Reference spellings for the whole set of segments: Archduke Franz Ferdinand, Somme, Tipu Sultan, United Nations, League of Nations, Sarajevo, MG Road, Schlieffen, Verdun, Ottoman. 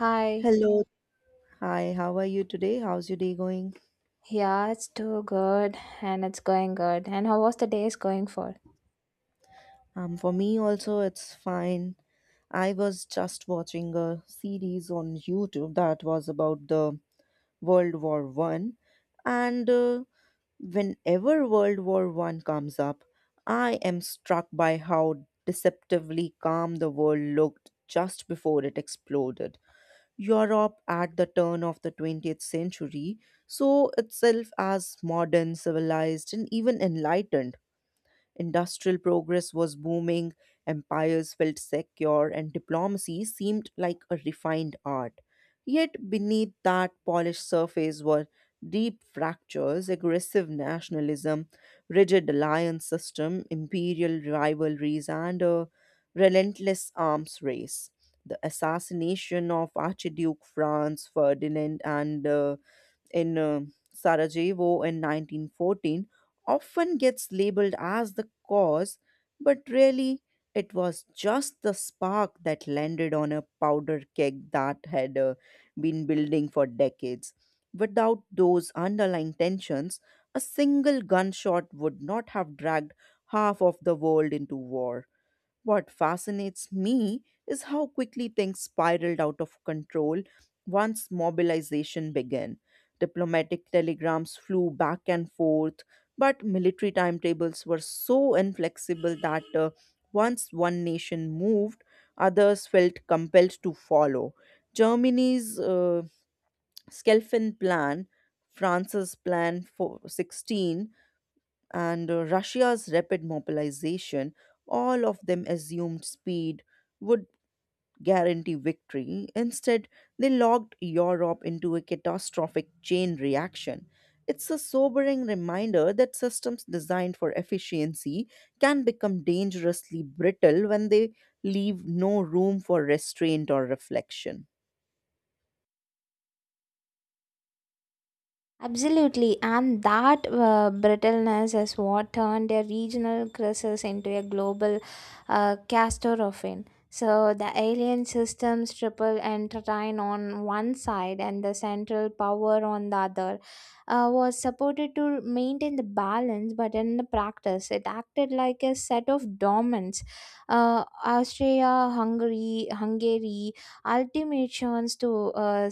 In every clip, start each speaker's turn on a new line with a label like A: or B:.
A: Hi.
B: Hello. Hi, how are you today? How's your day going?
A: Yeah, it's too good and it's going good. And how was the day is going for?
B: For me also it's fine. I was just watching a series on YouTube that was about the World War One, and whenever World War One comes up, I am struck by how deceptively calm the world looked just before it exploded. Europe at the turn of the 20th century saw itself as modern, civilized, and even enlightened. Industrial progress was booming, empires felt secure, and diplomacy seemed like a refined art. Yet, beneath that polished surface were deep fractures, aggressive nationalism, rigid alliance system, imperial rivalries, and a relentless arms race. The assassination of Archduke Franz Ferdinand and the in Sarajevo in 1914 often gets labeled as the cause, but really it was just the spark that landed on a powder keg that had been building for decades. Without those underlying tensions, a single gunshot would not have dragged half of the world into war. What fascinates me is how quickly things spiraled out of control once mobilization began. Diplomatic telegrams flew back and forth, but military timetables were so inflexible that once one nation moved, others felt compelled to follow. Germany's Schelfen plan, France's plan for 16, and Russia's rapid mobilization, all of them assumed speed would guarantee victory. Instead, they locked Europe into a catastrophic chain reaction. It's a sobering reminder that systems designed for efficiency can become dangerously brittle when they leave no room for restraint or reflection.
A: Absolutely, and that brittleness is what turned a regional crisis into a global catastrophe. So the alien systems triple entwine on one side and the central power on the other was supported to maintain the balance, but in the practice, it acted like a set of dormants. Austria, Hungary, ultimatums to uh,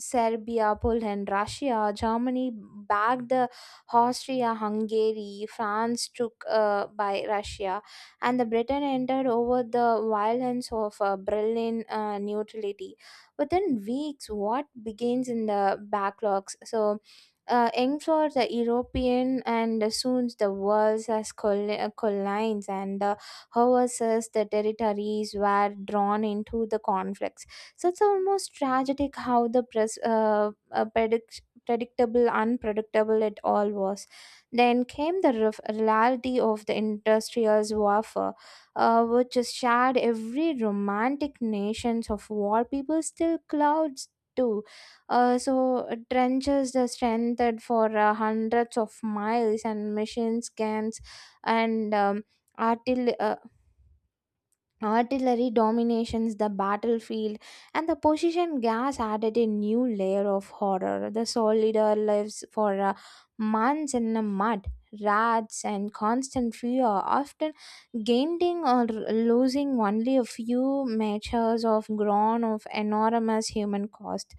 A: Serbia, Poland, Russia, Germany backed the Austria Hungary, France took by Russia, and the Britain entered over the violence of Berlin neutrality. Within weeks, what begins in the backlogs? Aimed for the European and soon the world's as collides and the houses, the territories were drawn into the conflicts, so it's almost tragic how the predictable, unpredictable it all was. Then came the reality of the industrial warfare, which is shared every romantic nations of war. People still clouds too. Trenches are strengthened for hundreds of miles, and machine scans and artil- uh, artillery dominations the battlefield, and the position gas added a new layer of horror. The soldier lives for months in the mud, rats, and constant fear, often gaining or losing only a few measures of ground of enormous human cost.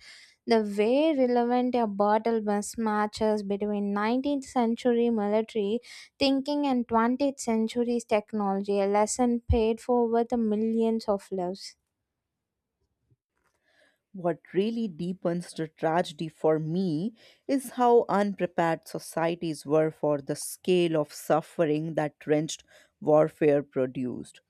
A: The way relevant a battle mismatches between 19th century military thinking and 20th century's technology, a lesson paid for with millions of lives.
B: What really deepens the tragedy for me is how unprepared societies were for the scale of suffering that trench warfare produced.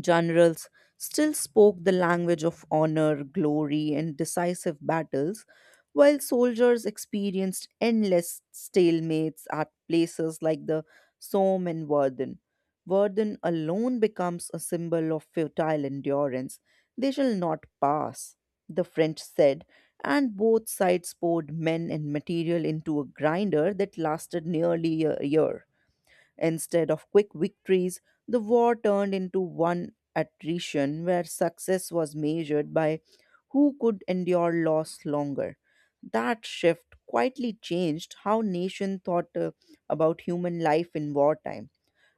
B: Generals still spoke the language of honor, glory, and decisive battles, while soldiers experienced endless stalemates at places like the Somme and Verdun. Verdun alone becomes a symbol of futile endurance. They shall not pass, the French said, and both sides poured men and material into a grinder that lasted nearly a year. Instead of quick victories, the war turned into one attrition where success was measured by who could endure loss longer. That shift quietly changed how nation thought about human life in wartime.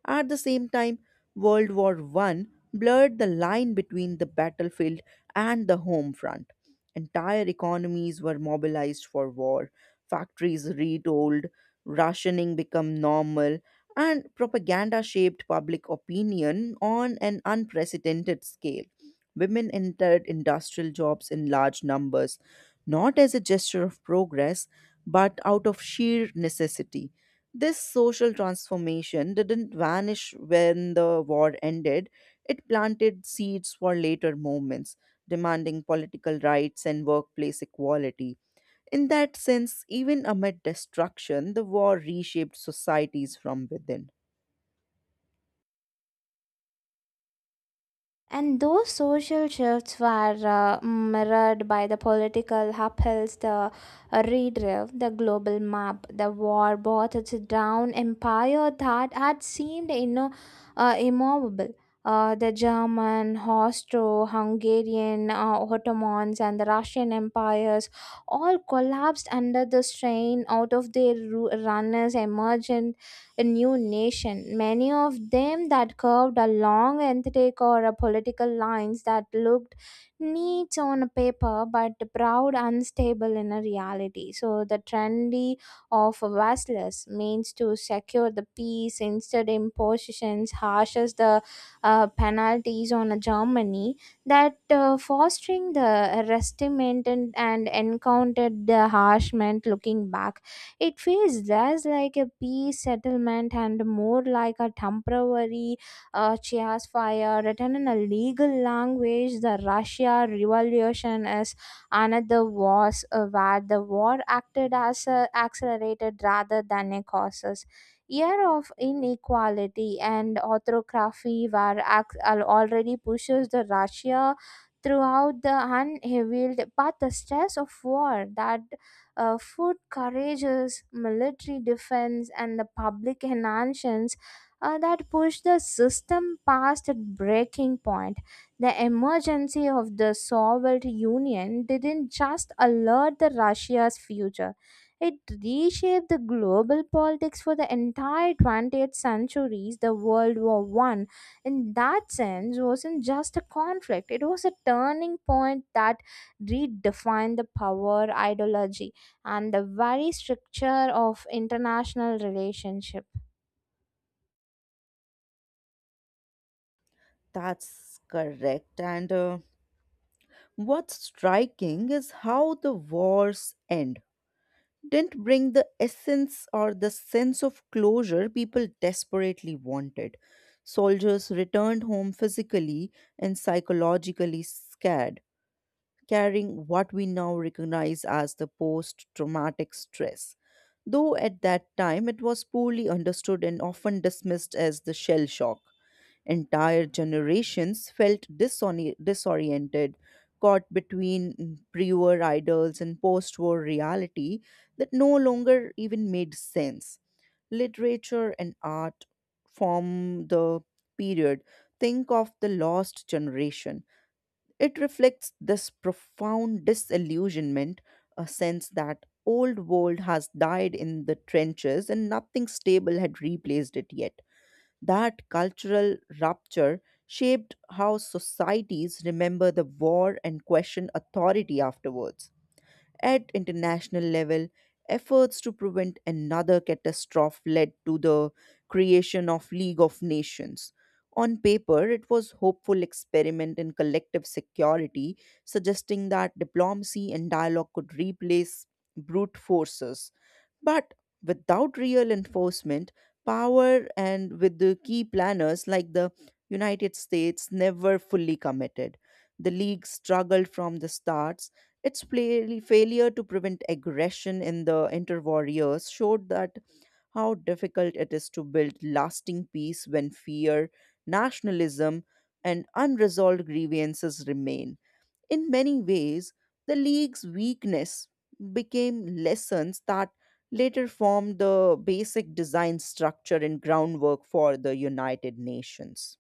B: At the same time, World War One blurred the line between the battlefield and the home front. Entire economies were mobilized for war, factories retooled, rationing became normal, and propaganda shaped public opinion on an unprecedented scale. Women entered industrial jobs in large numbers, not as a gesture of progress, but out of sheer necessity. This social transformation didn't vanish when the war ended. It planted seeds for later movements, demanding political rights and workplace equality. In that sense, even amid destruction, the war reshaped societies from within.
A: And those social shifts were mirrored by the political upheavals, the global map, the war brought us down empire that had seemed you know, immovable. The German, Austro-Hungarian, Ottomans, and the Russian empires all collapsed under the strain. Out of their runners emerged a new nation. Many of them that curved along aesthetic or a political lines that looked neat on a paper but proud unstable in a reality. So the trendy of vassalage means to secure the peace instead impositions harsh as the penalties on a Germany that fostering the resentment and encountered the harshment. Looking back, it feels less like a peace settlement and more like a temporary chairs fire written in a legal language. The Russia Revolution is another war where the war acted as a accelerated rather than a causes. Year of inequality and autocracy were already pushes the Russia throughout the unhealed, but the stress of war that food courageous, military defense, and the public enhancements that pushed the system past its breaking point. The emergency of the Soviet Union didn't just alert the Russia's future. It reshaped the global politics for the entire 20th centuries. The World War One, in that sense, wasn't just a conflict; it was a turning point that redefined the power ideology and the very structure of international relationship.
B: That's correct. And What's striking is how the wars end didn't bring the essence or the sense of closure people desperately wanted. Soldiers returned home physically and psychologically scared, carrying what we now recognize as the post traumatic stress. Though at that time it was poorly understood and often dismissed as the shell shock. Entire generations felt disoriented, caught between pre war idols and post war reality that no longer even made sense. Literature and art form the period. Think of the lost generation. It reflects this profound disillusionment, a sense that old world has died in the trenches and nothing stable had replaced it yet. That cultural rupture shaped how societies remember the war and question authority afterwards. At international level, efforts to prevent another catastrophe led to the creation of League of Nations. On paper, it was hopeful experiment in collective security, suggesting that diplomacy and dialogue could replace brute forces. But without real enforcement, power and with the key planners like the United States never fully committed. The League struggled from the start, its failure to prevent aggression in the interwar years showed that how difficult it is to build lasting peace when fear, nationalism, and unresolved grievances remain. In many ways, the League's weakness became lessons that later formed the basic design structure and groundwork for the United Nations.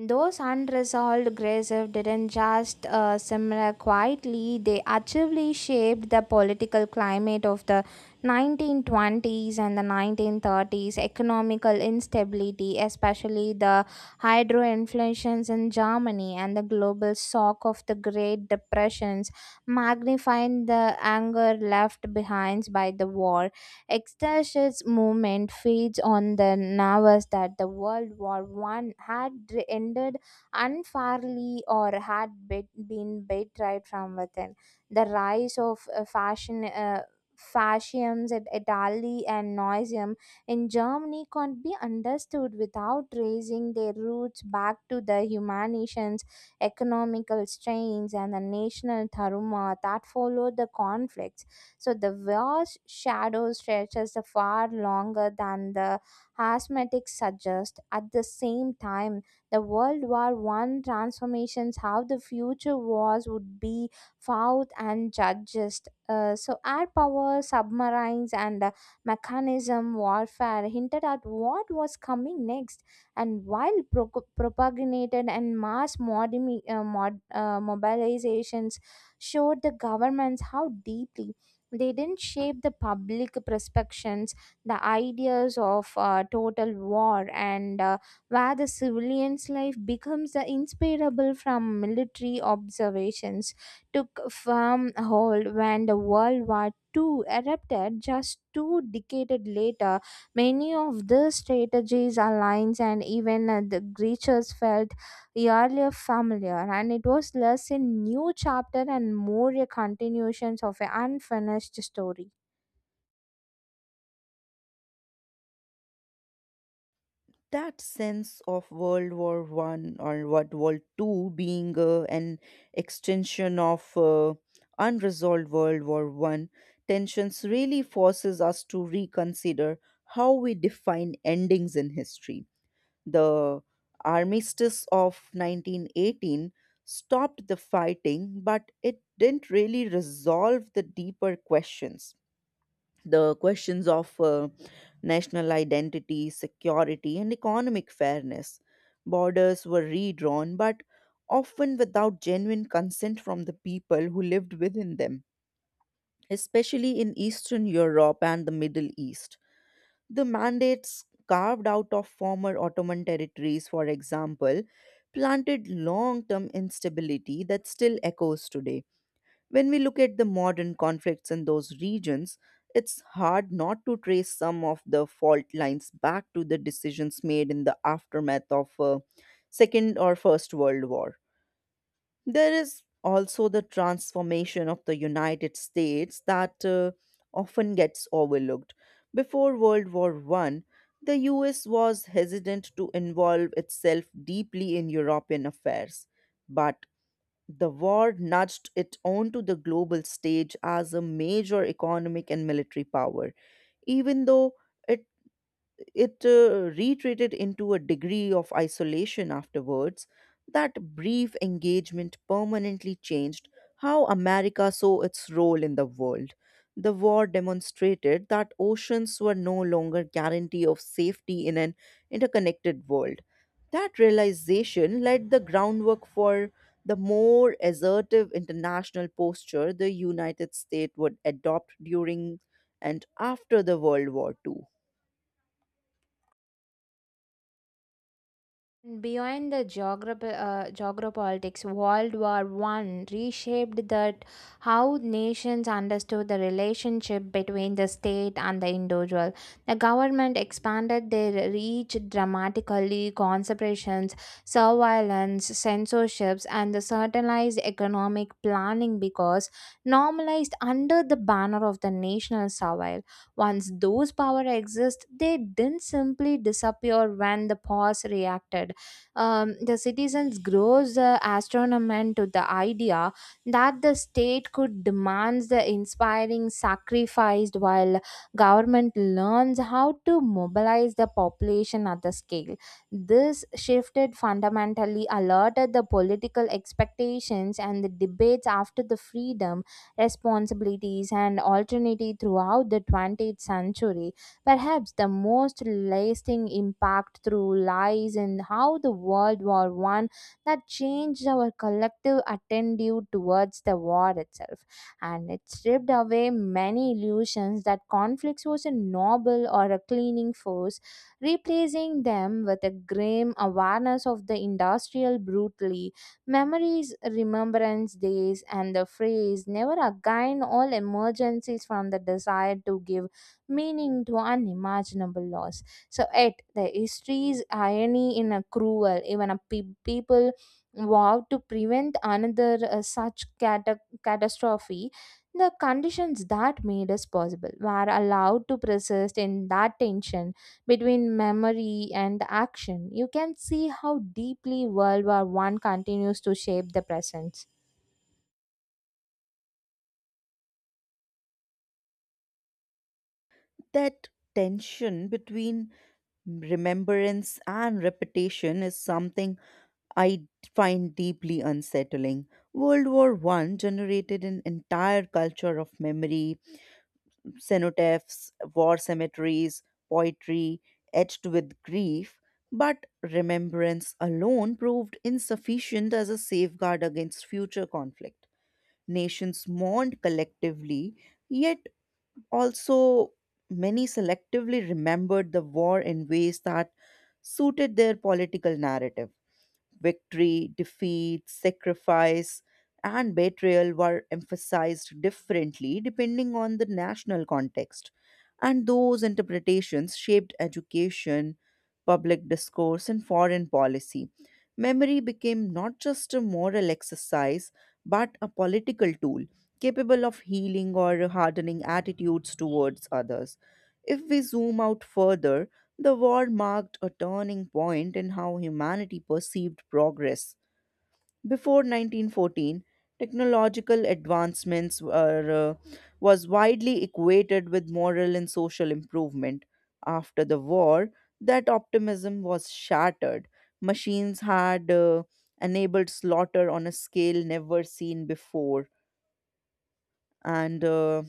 A: Those unresolved grievances didn't just simmer quietly, they actively shaped the political climate of the 1920s and the 1930s, economical instability, especially the hyperinflations in Germany and the global shock of the Great Depressions, magnified the anger left behind by the war. Extasha's movement feeds on the nervous that the World War One had ended unfairly or had been betrayed from within. The rise of fashion. Fascism in Italy and Nazism in Germany can't be understood without tracing their roots back to the humanities, economical strains, and the national turmoil that followed the conflict, so the vast shadow stretches far longer than the asthmatics suggest. At the same time, the World War One transformations how the future wars would be fought and judged. Air power, submarines, and mechanism warfare hinted at what was coming next. And while propagated and mass mobilizations showed the governments how deeply they didn't shape the public perceptions, the ideas of total war and where the civilian's life becomes the inseparable from military observations took firm hold when the world war II erupted just two decades later. Many of the strategies, alliances, and even the creatures fell the earlier familiar, and it was less a new chapter and more a continuation of an unfinished story.
B: That sense of World War One or what World Two being an extension of unresolved World War One tensions really forces us to reconsider how we define endings in history. The armistice of 1918 stopped the fighting, but it didn't really resolve the deeper questions, the questions of national identity, security, and economic fairness. Borders were redrawn, but often without genuine consent from the people who lived within them, especially in Eastern Europe and the Middle East. The mandates carved out of former Ottoman territories, for example, planted long term instability that still echoes today. When we look at the modern conflicts in those regions, it's hard not to trace some of the fault lines back to the decisions made in the aftermath of Second or First World War. There is also the transformation of the United States that often gets overlooked. Before World War One, the US was hesitant to involve itself deeply in European affairs. But the war nudged it onto the global stage as a major economic and military power, even though it it retreated into a degree of isolation afterwards. That brief engagement permanently changed how America saw its role in the world. The war demonstrated that oceans were no longer guarantee of safety in an interconnected world. That realization laid the groundwork for the more assertive international posture the United States would adopt during and after the World War II.
A: And beyond the geopolitics, World War One reshaped that how nations understood the relationship between the state and the individual. The government expanded their reach dramatically. Concentrations, surveillance, censorships, and the centralized economic planning because normalized under the banner of the national survival. Once those power exist, they didn't simply disappear when the pause reacted. The citizens grows astronomy to the idea that the state could demand the inspiring sacrificed while government learns how to mobilize the population at the scale. This shifted fundamentally alerted the political expectations and the debates after the freedom responsibilities and alternative throughout the 20th century. Perhaps the most lasting impact through lies in how the World War One that changed our collective attitude towards the war itself, and it stripped away many illusions that conflict was a noble or a cleaning force, replacing them with a grim awareness of the industrial brutally memories, remembrance days, and the phrase never again all emergencies from the desire to give meaning to unimaginable loss. So, yet the history's irony in a cruel, even a people vow to prevent another such catastrophe. The conditions that made us possible were allowed to persist in that tension between memory and action. You can see how deeply World War One continues to shape the present.
B: That tension between remembrance and repetition is something I find deeply unsettling. World War One generated an entire culture of memory, cenotaphs, war cemeteries, poetry etched with grief, but remembrance alone proved insufficient as a safeguard against future conflict. Nations mourned collectively, yet also, many selectively remembered the war in ways that suited their political narrative. Victory, defeat, sacrifice, and betrayal were emphasized differently depending on the national context. And those interpretations shaped education, public discourse, and foreign policy. Memory became not just a moral exercise, but a political tool capable of healing or hardening attitudes towards others. If we zoom out further, the war marked a turning point in how humanity perceived progress. Before 1914, technological advancements was widely equated with moral and social improvement. After the war, that optimism was shattered. Machines had enabled slaughter on a scale never seen before, and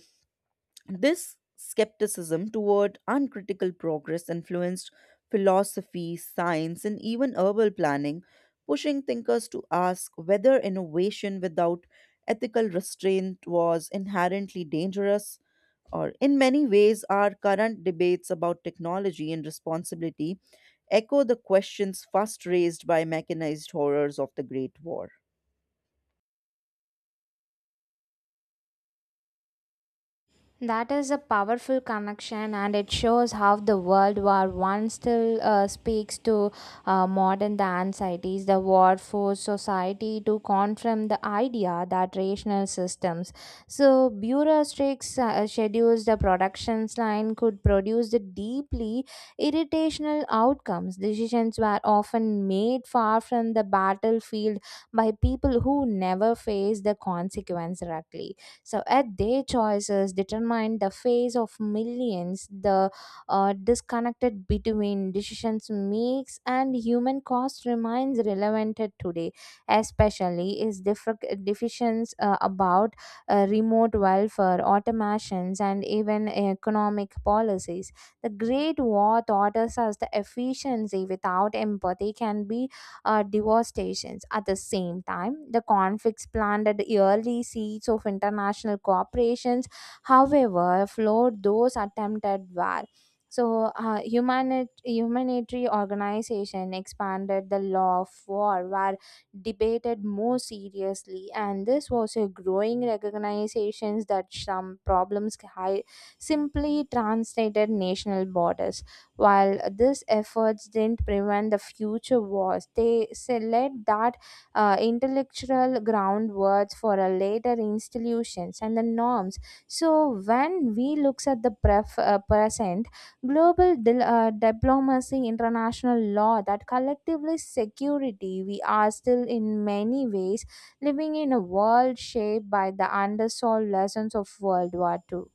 B: this skepticism toward uncritical progress influenced philosophy, science, and even urban planning, pushing thinkers to ask whether innovation without ethical restraint was inherently dangerous. Or, in many ways, our current debates about technology and responsibility echo the questions first raised by mechanized horrors of the Great War.
A: That is a powerful connection, and it shows how the World War One still speaks to modern the anxieties. The war forced society to confront the idea that rational systems, so bureaucratic schedules, the productions line could produce the deeply irritational outcomes. Decisions were often made far from the battlefield by people who never faced the consequence directly. So at their choices determine the face of millions, the disconnected between decisions makes and human cost remains relevant today, especially is different deficiencies about remote welfare, automations, and even economic policies. The Great War taught us as the efficiency without empathy can be devastations. At the same time, the conflicts planted early seeds of international cooperations, however, flowed those attempted were. So, humanitarian organization expanded the law of war were debated more seriously, and this was a growing recognition that some problems simply translated national borders. While these efforts didn't prevent the future wars, they laid that intellectual groundwork for a later institutions and the norms. So when we looks at the present, global diplomacy, international law, that collectively security, we are still in many ways living in a world shaped by the unresolved lessons of World War Two.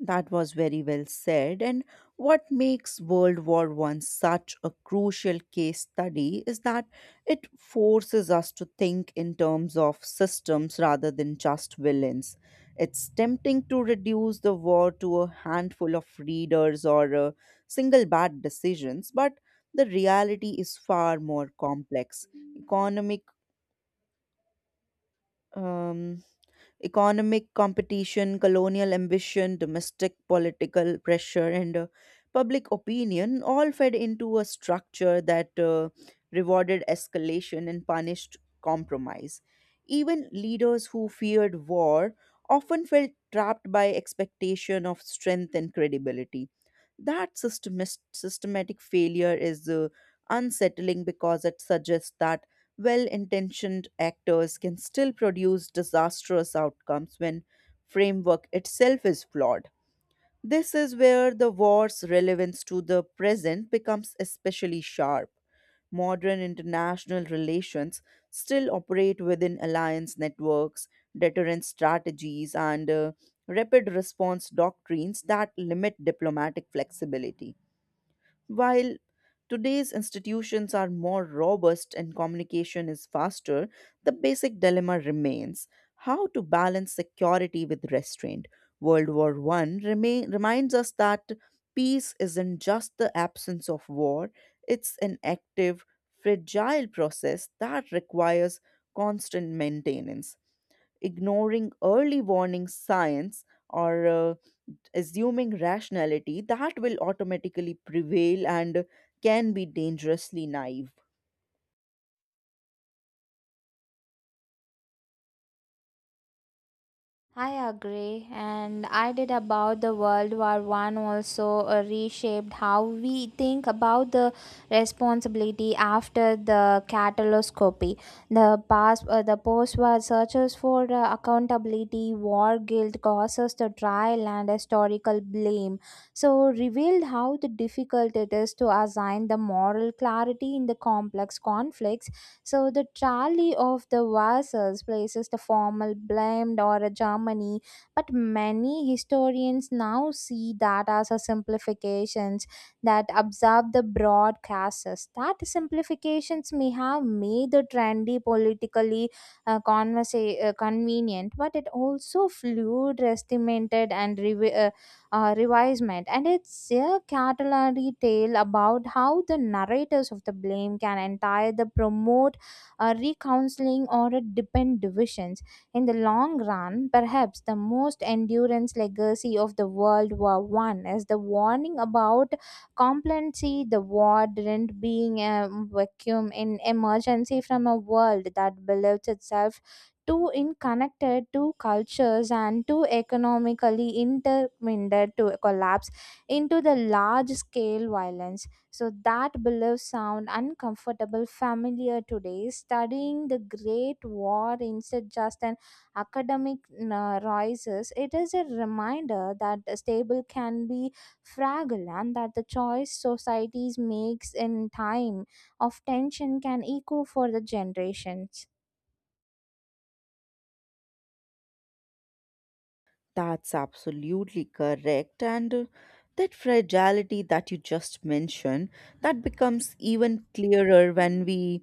B: That was very well said. And what makes World War One such a crucial case study is that it forces us to think in terms of systems rather than just villains. It's tempting to reduce the war to a handful of readers or single bad decisions, but the reality is far more complex. Economic um, Economic competition, colonial ambition, domestic political pressure, and public opinion all fed into a structure that rewarded escalation and punished compromise. Even leaders who feared war often felt trapped by expectation of strength and credibility. That systematic failure is unsettling because it suggests that well intentioned actors can still produce disastrous outcomes when framework itself is flawed. This is where the war's relevance to the present becomes especially sharp. Modern international relations still operate within alliance networks, deterrence strategies, and rapid response doctrines that limit diplomatic flexibility. While today's institutions are more robust and communication is faster, the basic dilemma remains how to balance security with restraint. World War One reminds us that peace isn't just the absence of war, it's an active, fragile process that requires constant maintenance, ignoring early warning signs or assuming rationality that will automatically prevail and can be dangerously naive.
A: I agree, and I did about the World War One also reshaped how we think about the responsibility after the cataloscopy. The post-war searches for accountability, war guilt causes the trial and historical blame. So revealed how the difficult it is to assign the moral clarity in the complex conflicts, so the trolley of the vases places the formal blamed or a Germany, but many historians now see that as a simplifications that observe the broad classes. That simplifications may have made the trendy politically convenient, but it also fluid, estimated, and revisement. And it's a cautionary tale about how the narrators of the blame can entire the promote a recounseling or a depend divisions. In the long run, perhaps the most endurance legacy of the World War One is the warning about complacency. The war didn't being a vacuum in emergency from a world that believes itself too interconnected, too cultures and too economically intermingled to collapse into the large scale violence, so that belief sound uncomfortable familiar today. Studying the Great War instead just an academic rises, it is a reminder that a stable can be fragile and that the choice societies makes in time of tension can echo for the generations.
B: That's absolutely correct. And That fragility that you just mentioned, that becomes even clearer when we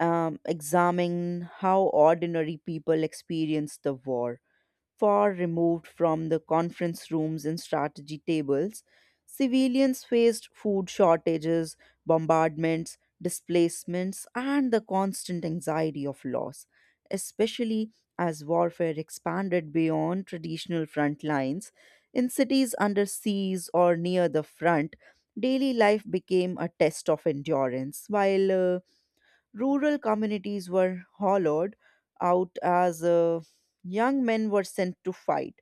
B: examine how ordinary people experience the war far removed from the conference rooms and strategy tables. Civilians faced food shortages, bombardments, displacements, and the constant anxiety of loss, especially as warfare expanded beyond traditional front lines. In cities under siege or near the front, daily life became a test of endurance, while rural communities were hollowed out as young men were sent to fight.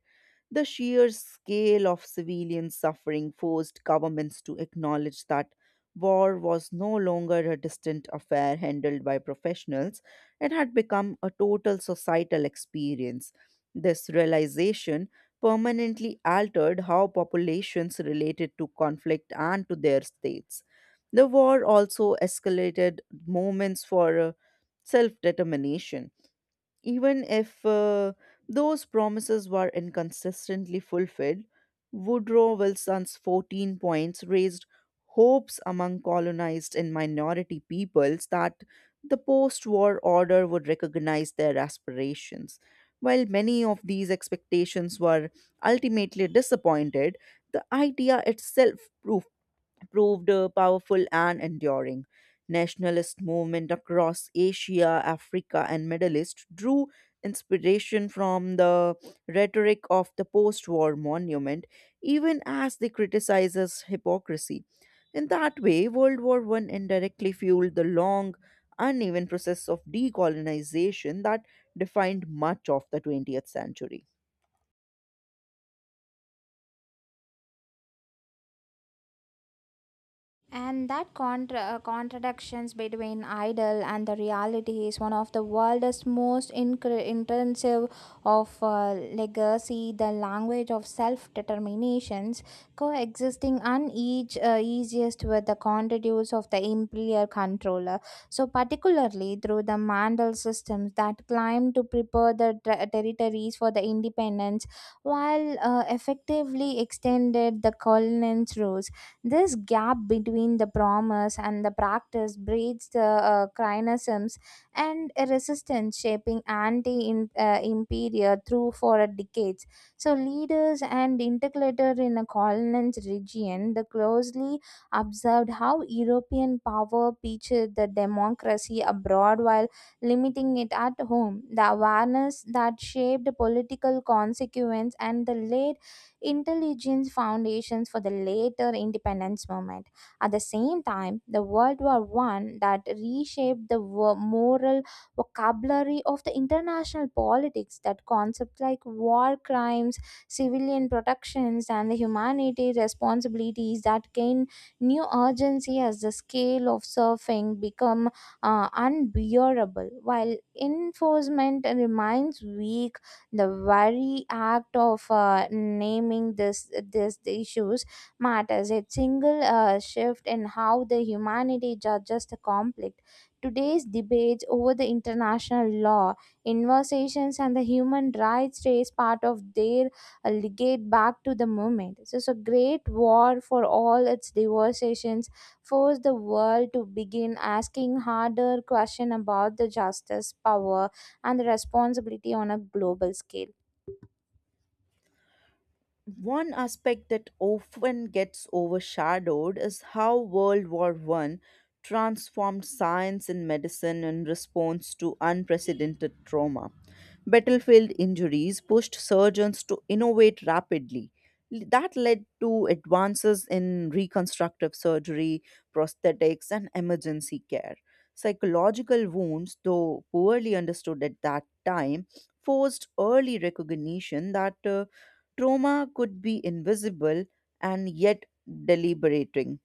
B: The sheer scale of civilian suffering forced governments to acknowledge that war was no longer a distant affair handled by professionals, it had become a total societal experience. This realization permanently altered how populations related to conflict and to their states. The war also escalated moments for self determination even if those promises were inconsistently fulfilled. Woodrow Wilson's 14 points raised hopes among colonized and minority peoples that the post war order would recognize their aspirations. While many of these expectations were ultimately disappointed, the idea itself proved powerful and enduring. Nationalist movement across Asia, Africa, and Middle East drew inspiration from the rhetoric of the post-war monument, even as they criticizes hypocrisy. In that way, World War One indirectly fueled the long, uneven process of decolonization that defined much of the 20th century.
A: And that contradictions between ideal and the reality is one of the world's most intensive of legacy, the language of self-determinations, coexisting and each easiest with the contours of the imperial controller. So particularly through the Mandal systems that climb to prepare the territories for the independence, while effectively extended the colonel's rules, this gap between the promise and the practice breeds the criticisms and a resistance, shaping anti-imperial through for decades. So leaders and intercalator in a colonized region, they closely observed how European power preached the democracy abroad while limiting it at home. The awareness that shaped political consequence and the late intelligence foundations for the later independence movement. At the same time, the World War One that reshaped the moral vocabulary of the international politics that concepts like war crimes, civilian protections, and the humanity responsibilities that gain new urgency as the scale of surfing become unbearable while enforcement remains weak, the very act of naming this this the issues matters a single shift in how the humanity judges the conflict. Today's debates over the international law inversations and the human rights race part of their legate back to the movement. This is a great war for all its devastations forced the world to begin asking harder questions about the justice power and the responsibility on a global scale.
B: One aspect that often gets overshadowed is how World War One transformed science and medicine in response to unprecedented trauma. Battlefield injuries pushed surgeons to innovate rapidly. That led to advances in reconstructive surgery, prosthetics, and emergency care. Psychological wounds, though poorly understood at that time, forced early recognition that trauma could be invisible and yet deliberating.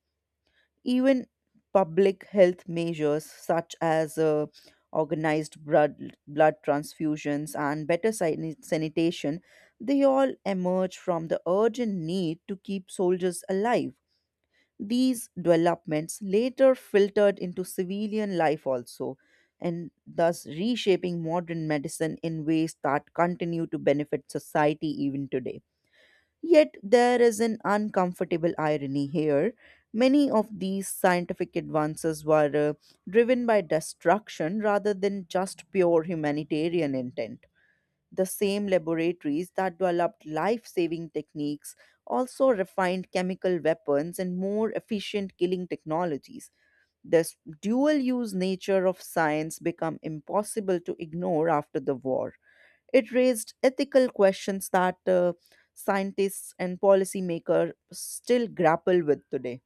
B: Even public health measures such as organized blood transfusions and better sanitation, they all emerge from the urgent need to keep soldiers alive. These developments later filtered into civilian life also, and thus reshaping modern medicine in ways that continue to benefit society even today. Yet there is an uncomfortable irony here. Many of these scientific advances were driven by destruction rather than just pure humanitarian intent. The same laboratories that developed life saving techniques also refined chemical weapons and more efficient killing technologies. This dual use nature of science became impossible to ignore after the war. It raised ethical questions that scientists and policymakers still grapple with today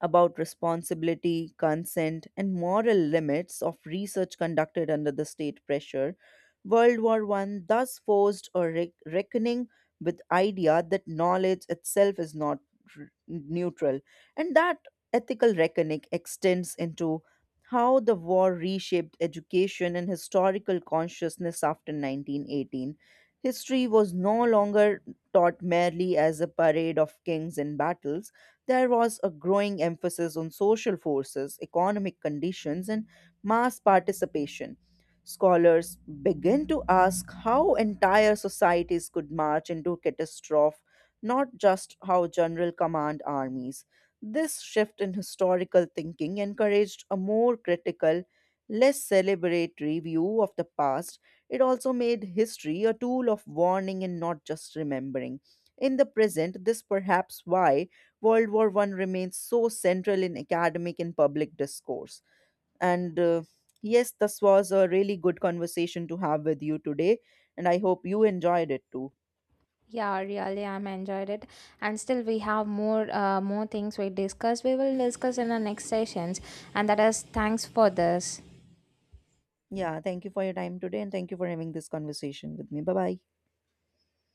B: about responsibility, consent, and moral limits of research conducted under the state pressure. World War One thus forced a reckoning with idea that knowledge itself is not neutral, and that ethical reckoning extends into how the war reshaped education and historical consciousness after 1918. History was no longer taught merely as a parade of kings and battles, there was a growing emphasis on social forces, economic conditions, and mass participation. Scholars began to ask how entire societies could march into catastrophe, not just how general command armies. This shift in historical thinking encouraged a more critical, less celebratory view of the past. It also made history a tool of warning and not just remembering. In the present, this perhaps why World War One remains so central in academic and public discourse. And Yes, this was a really good conversation to have with you today, and I hope you enjoyed it too.
A: Yeah, really, I'm enjoyed it, and still we have more things we discuss. We will discuss in the next sessions, and that is thanks for this.
B: Yeah, thank you for your time today, and thank you for having this conversation with me. Bye bye.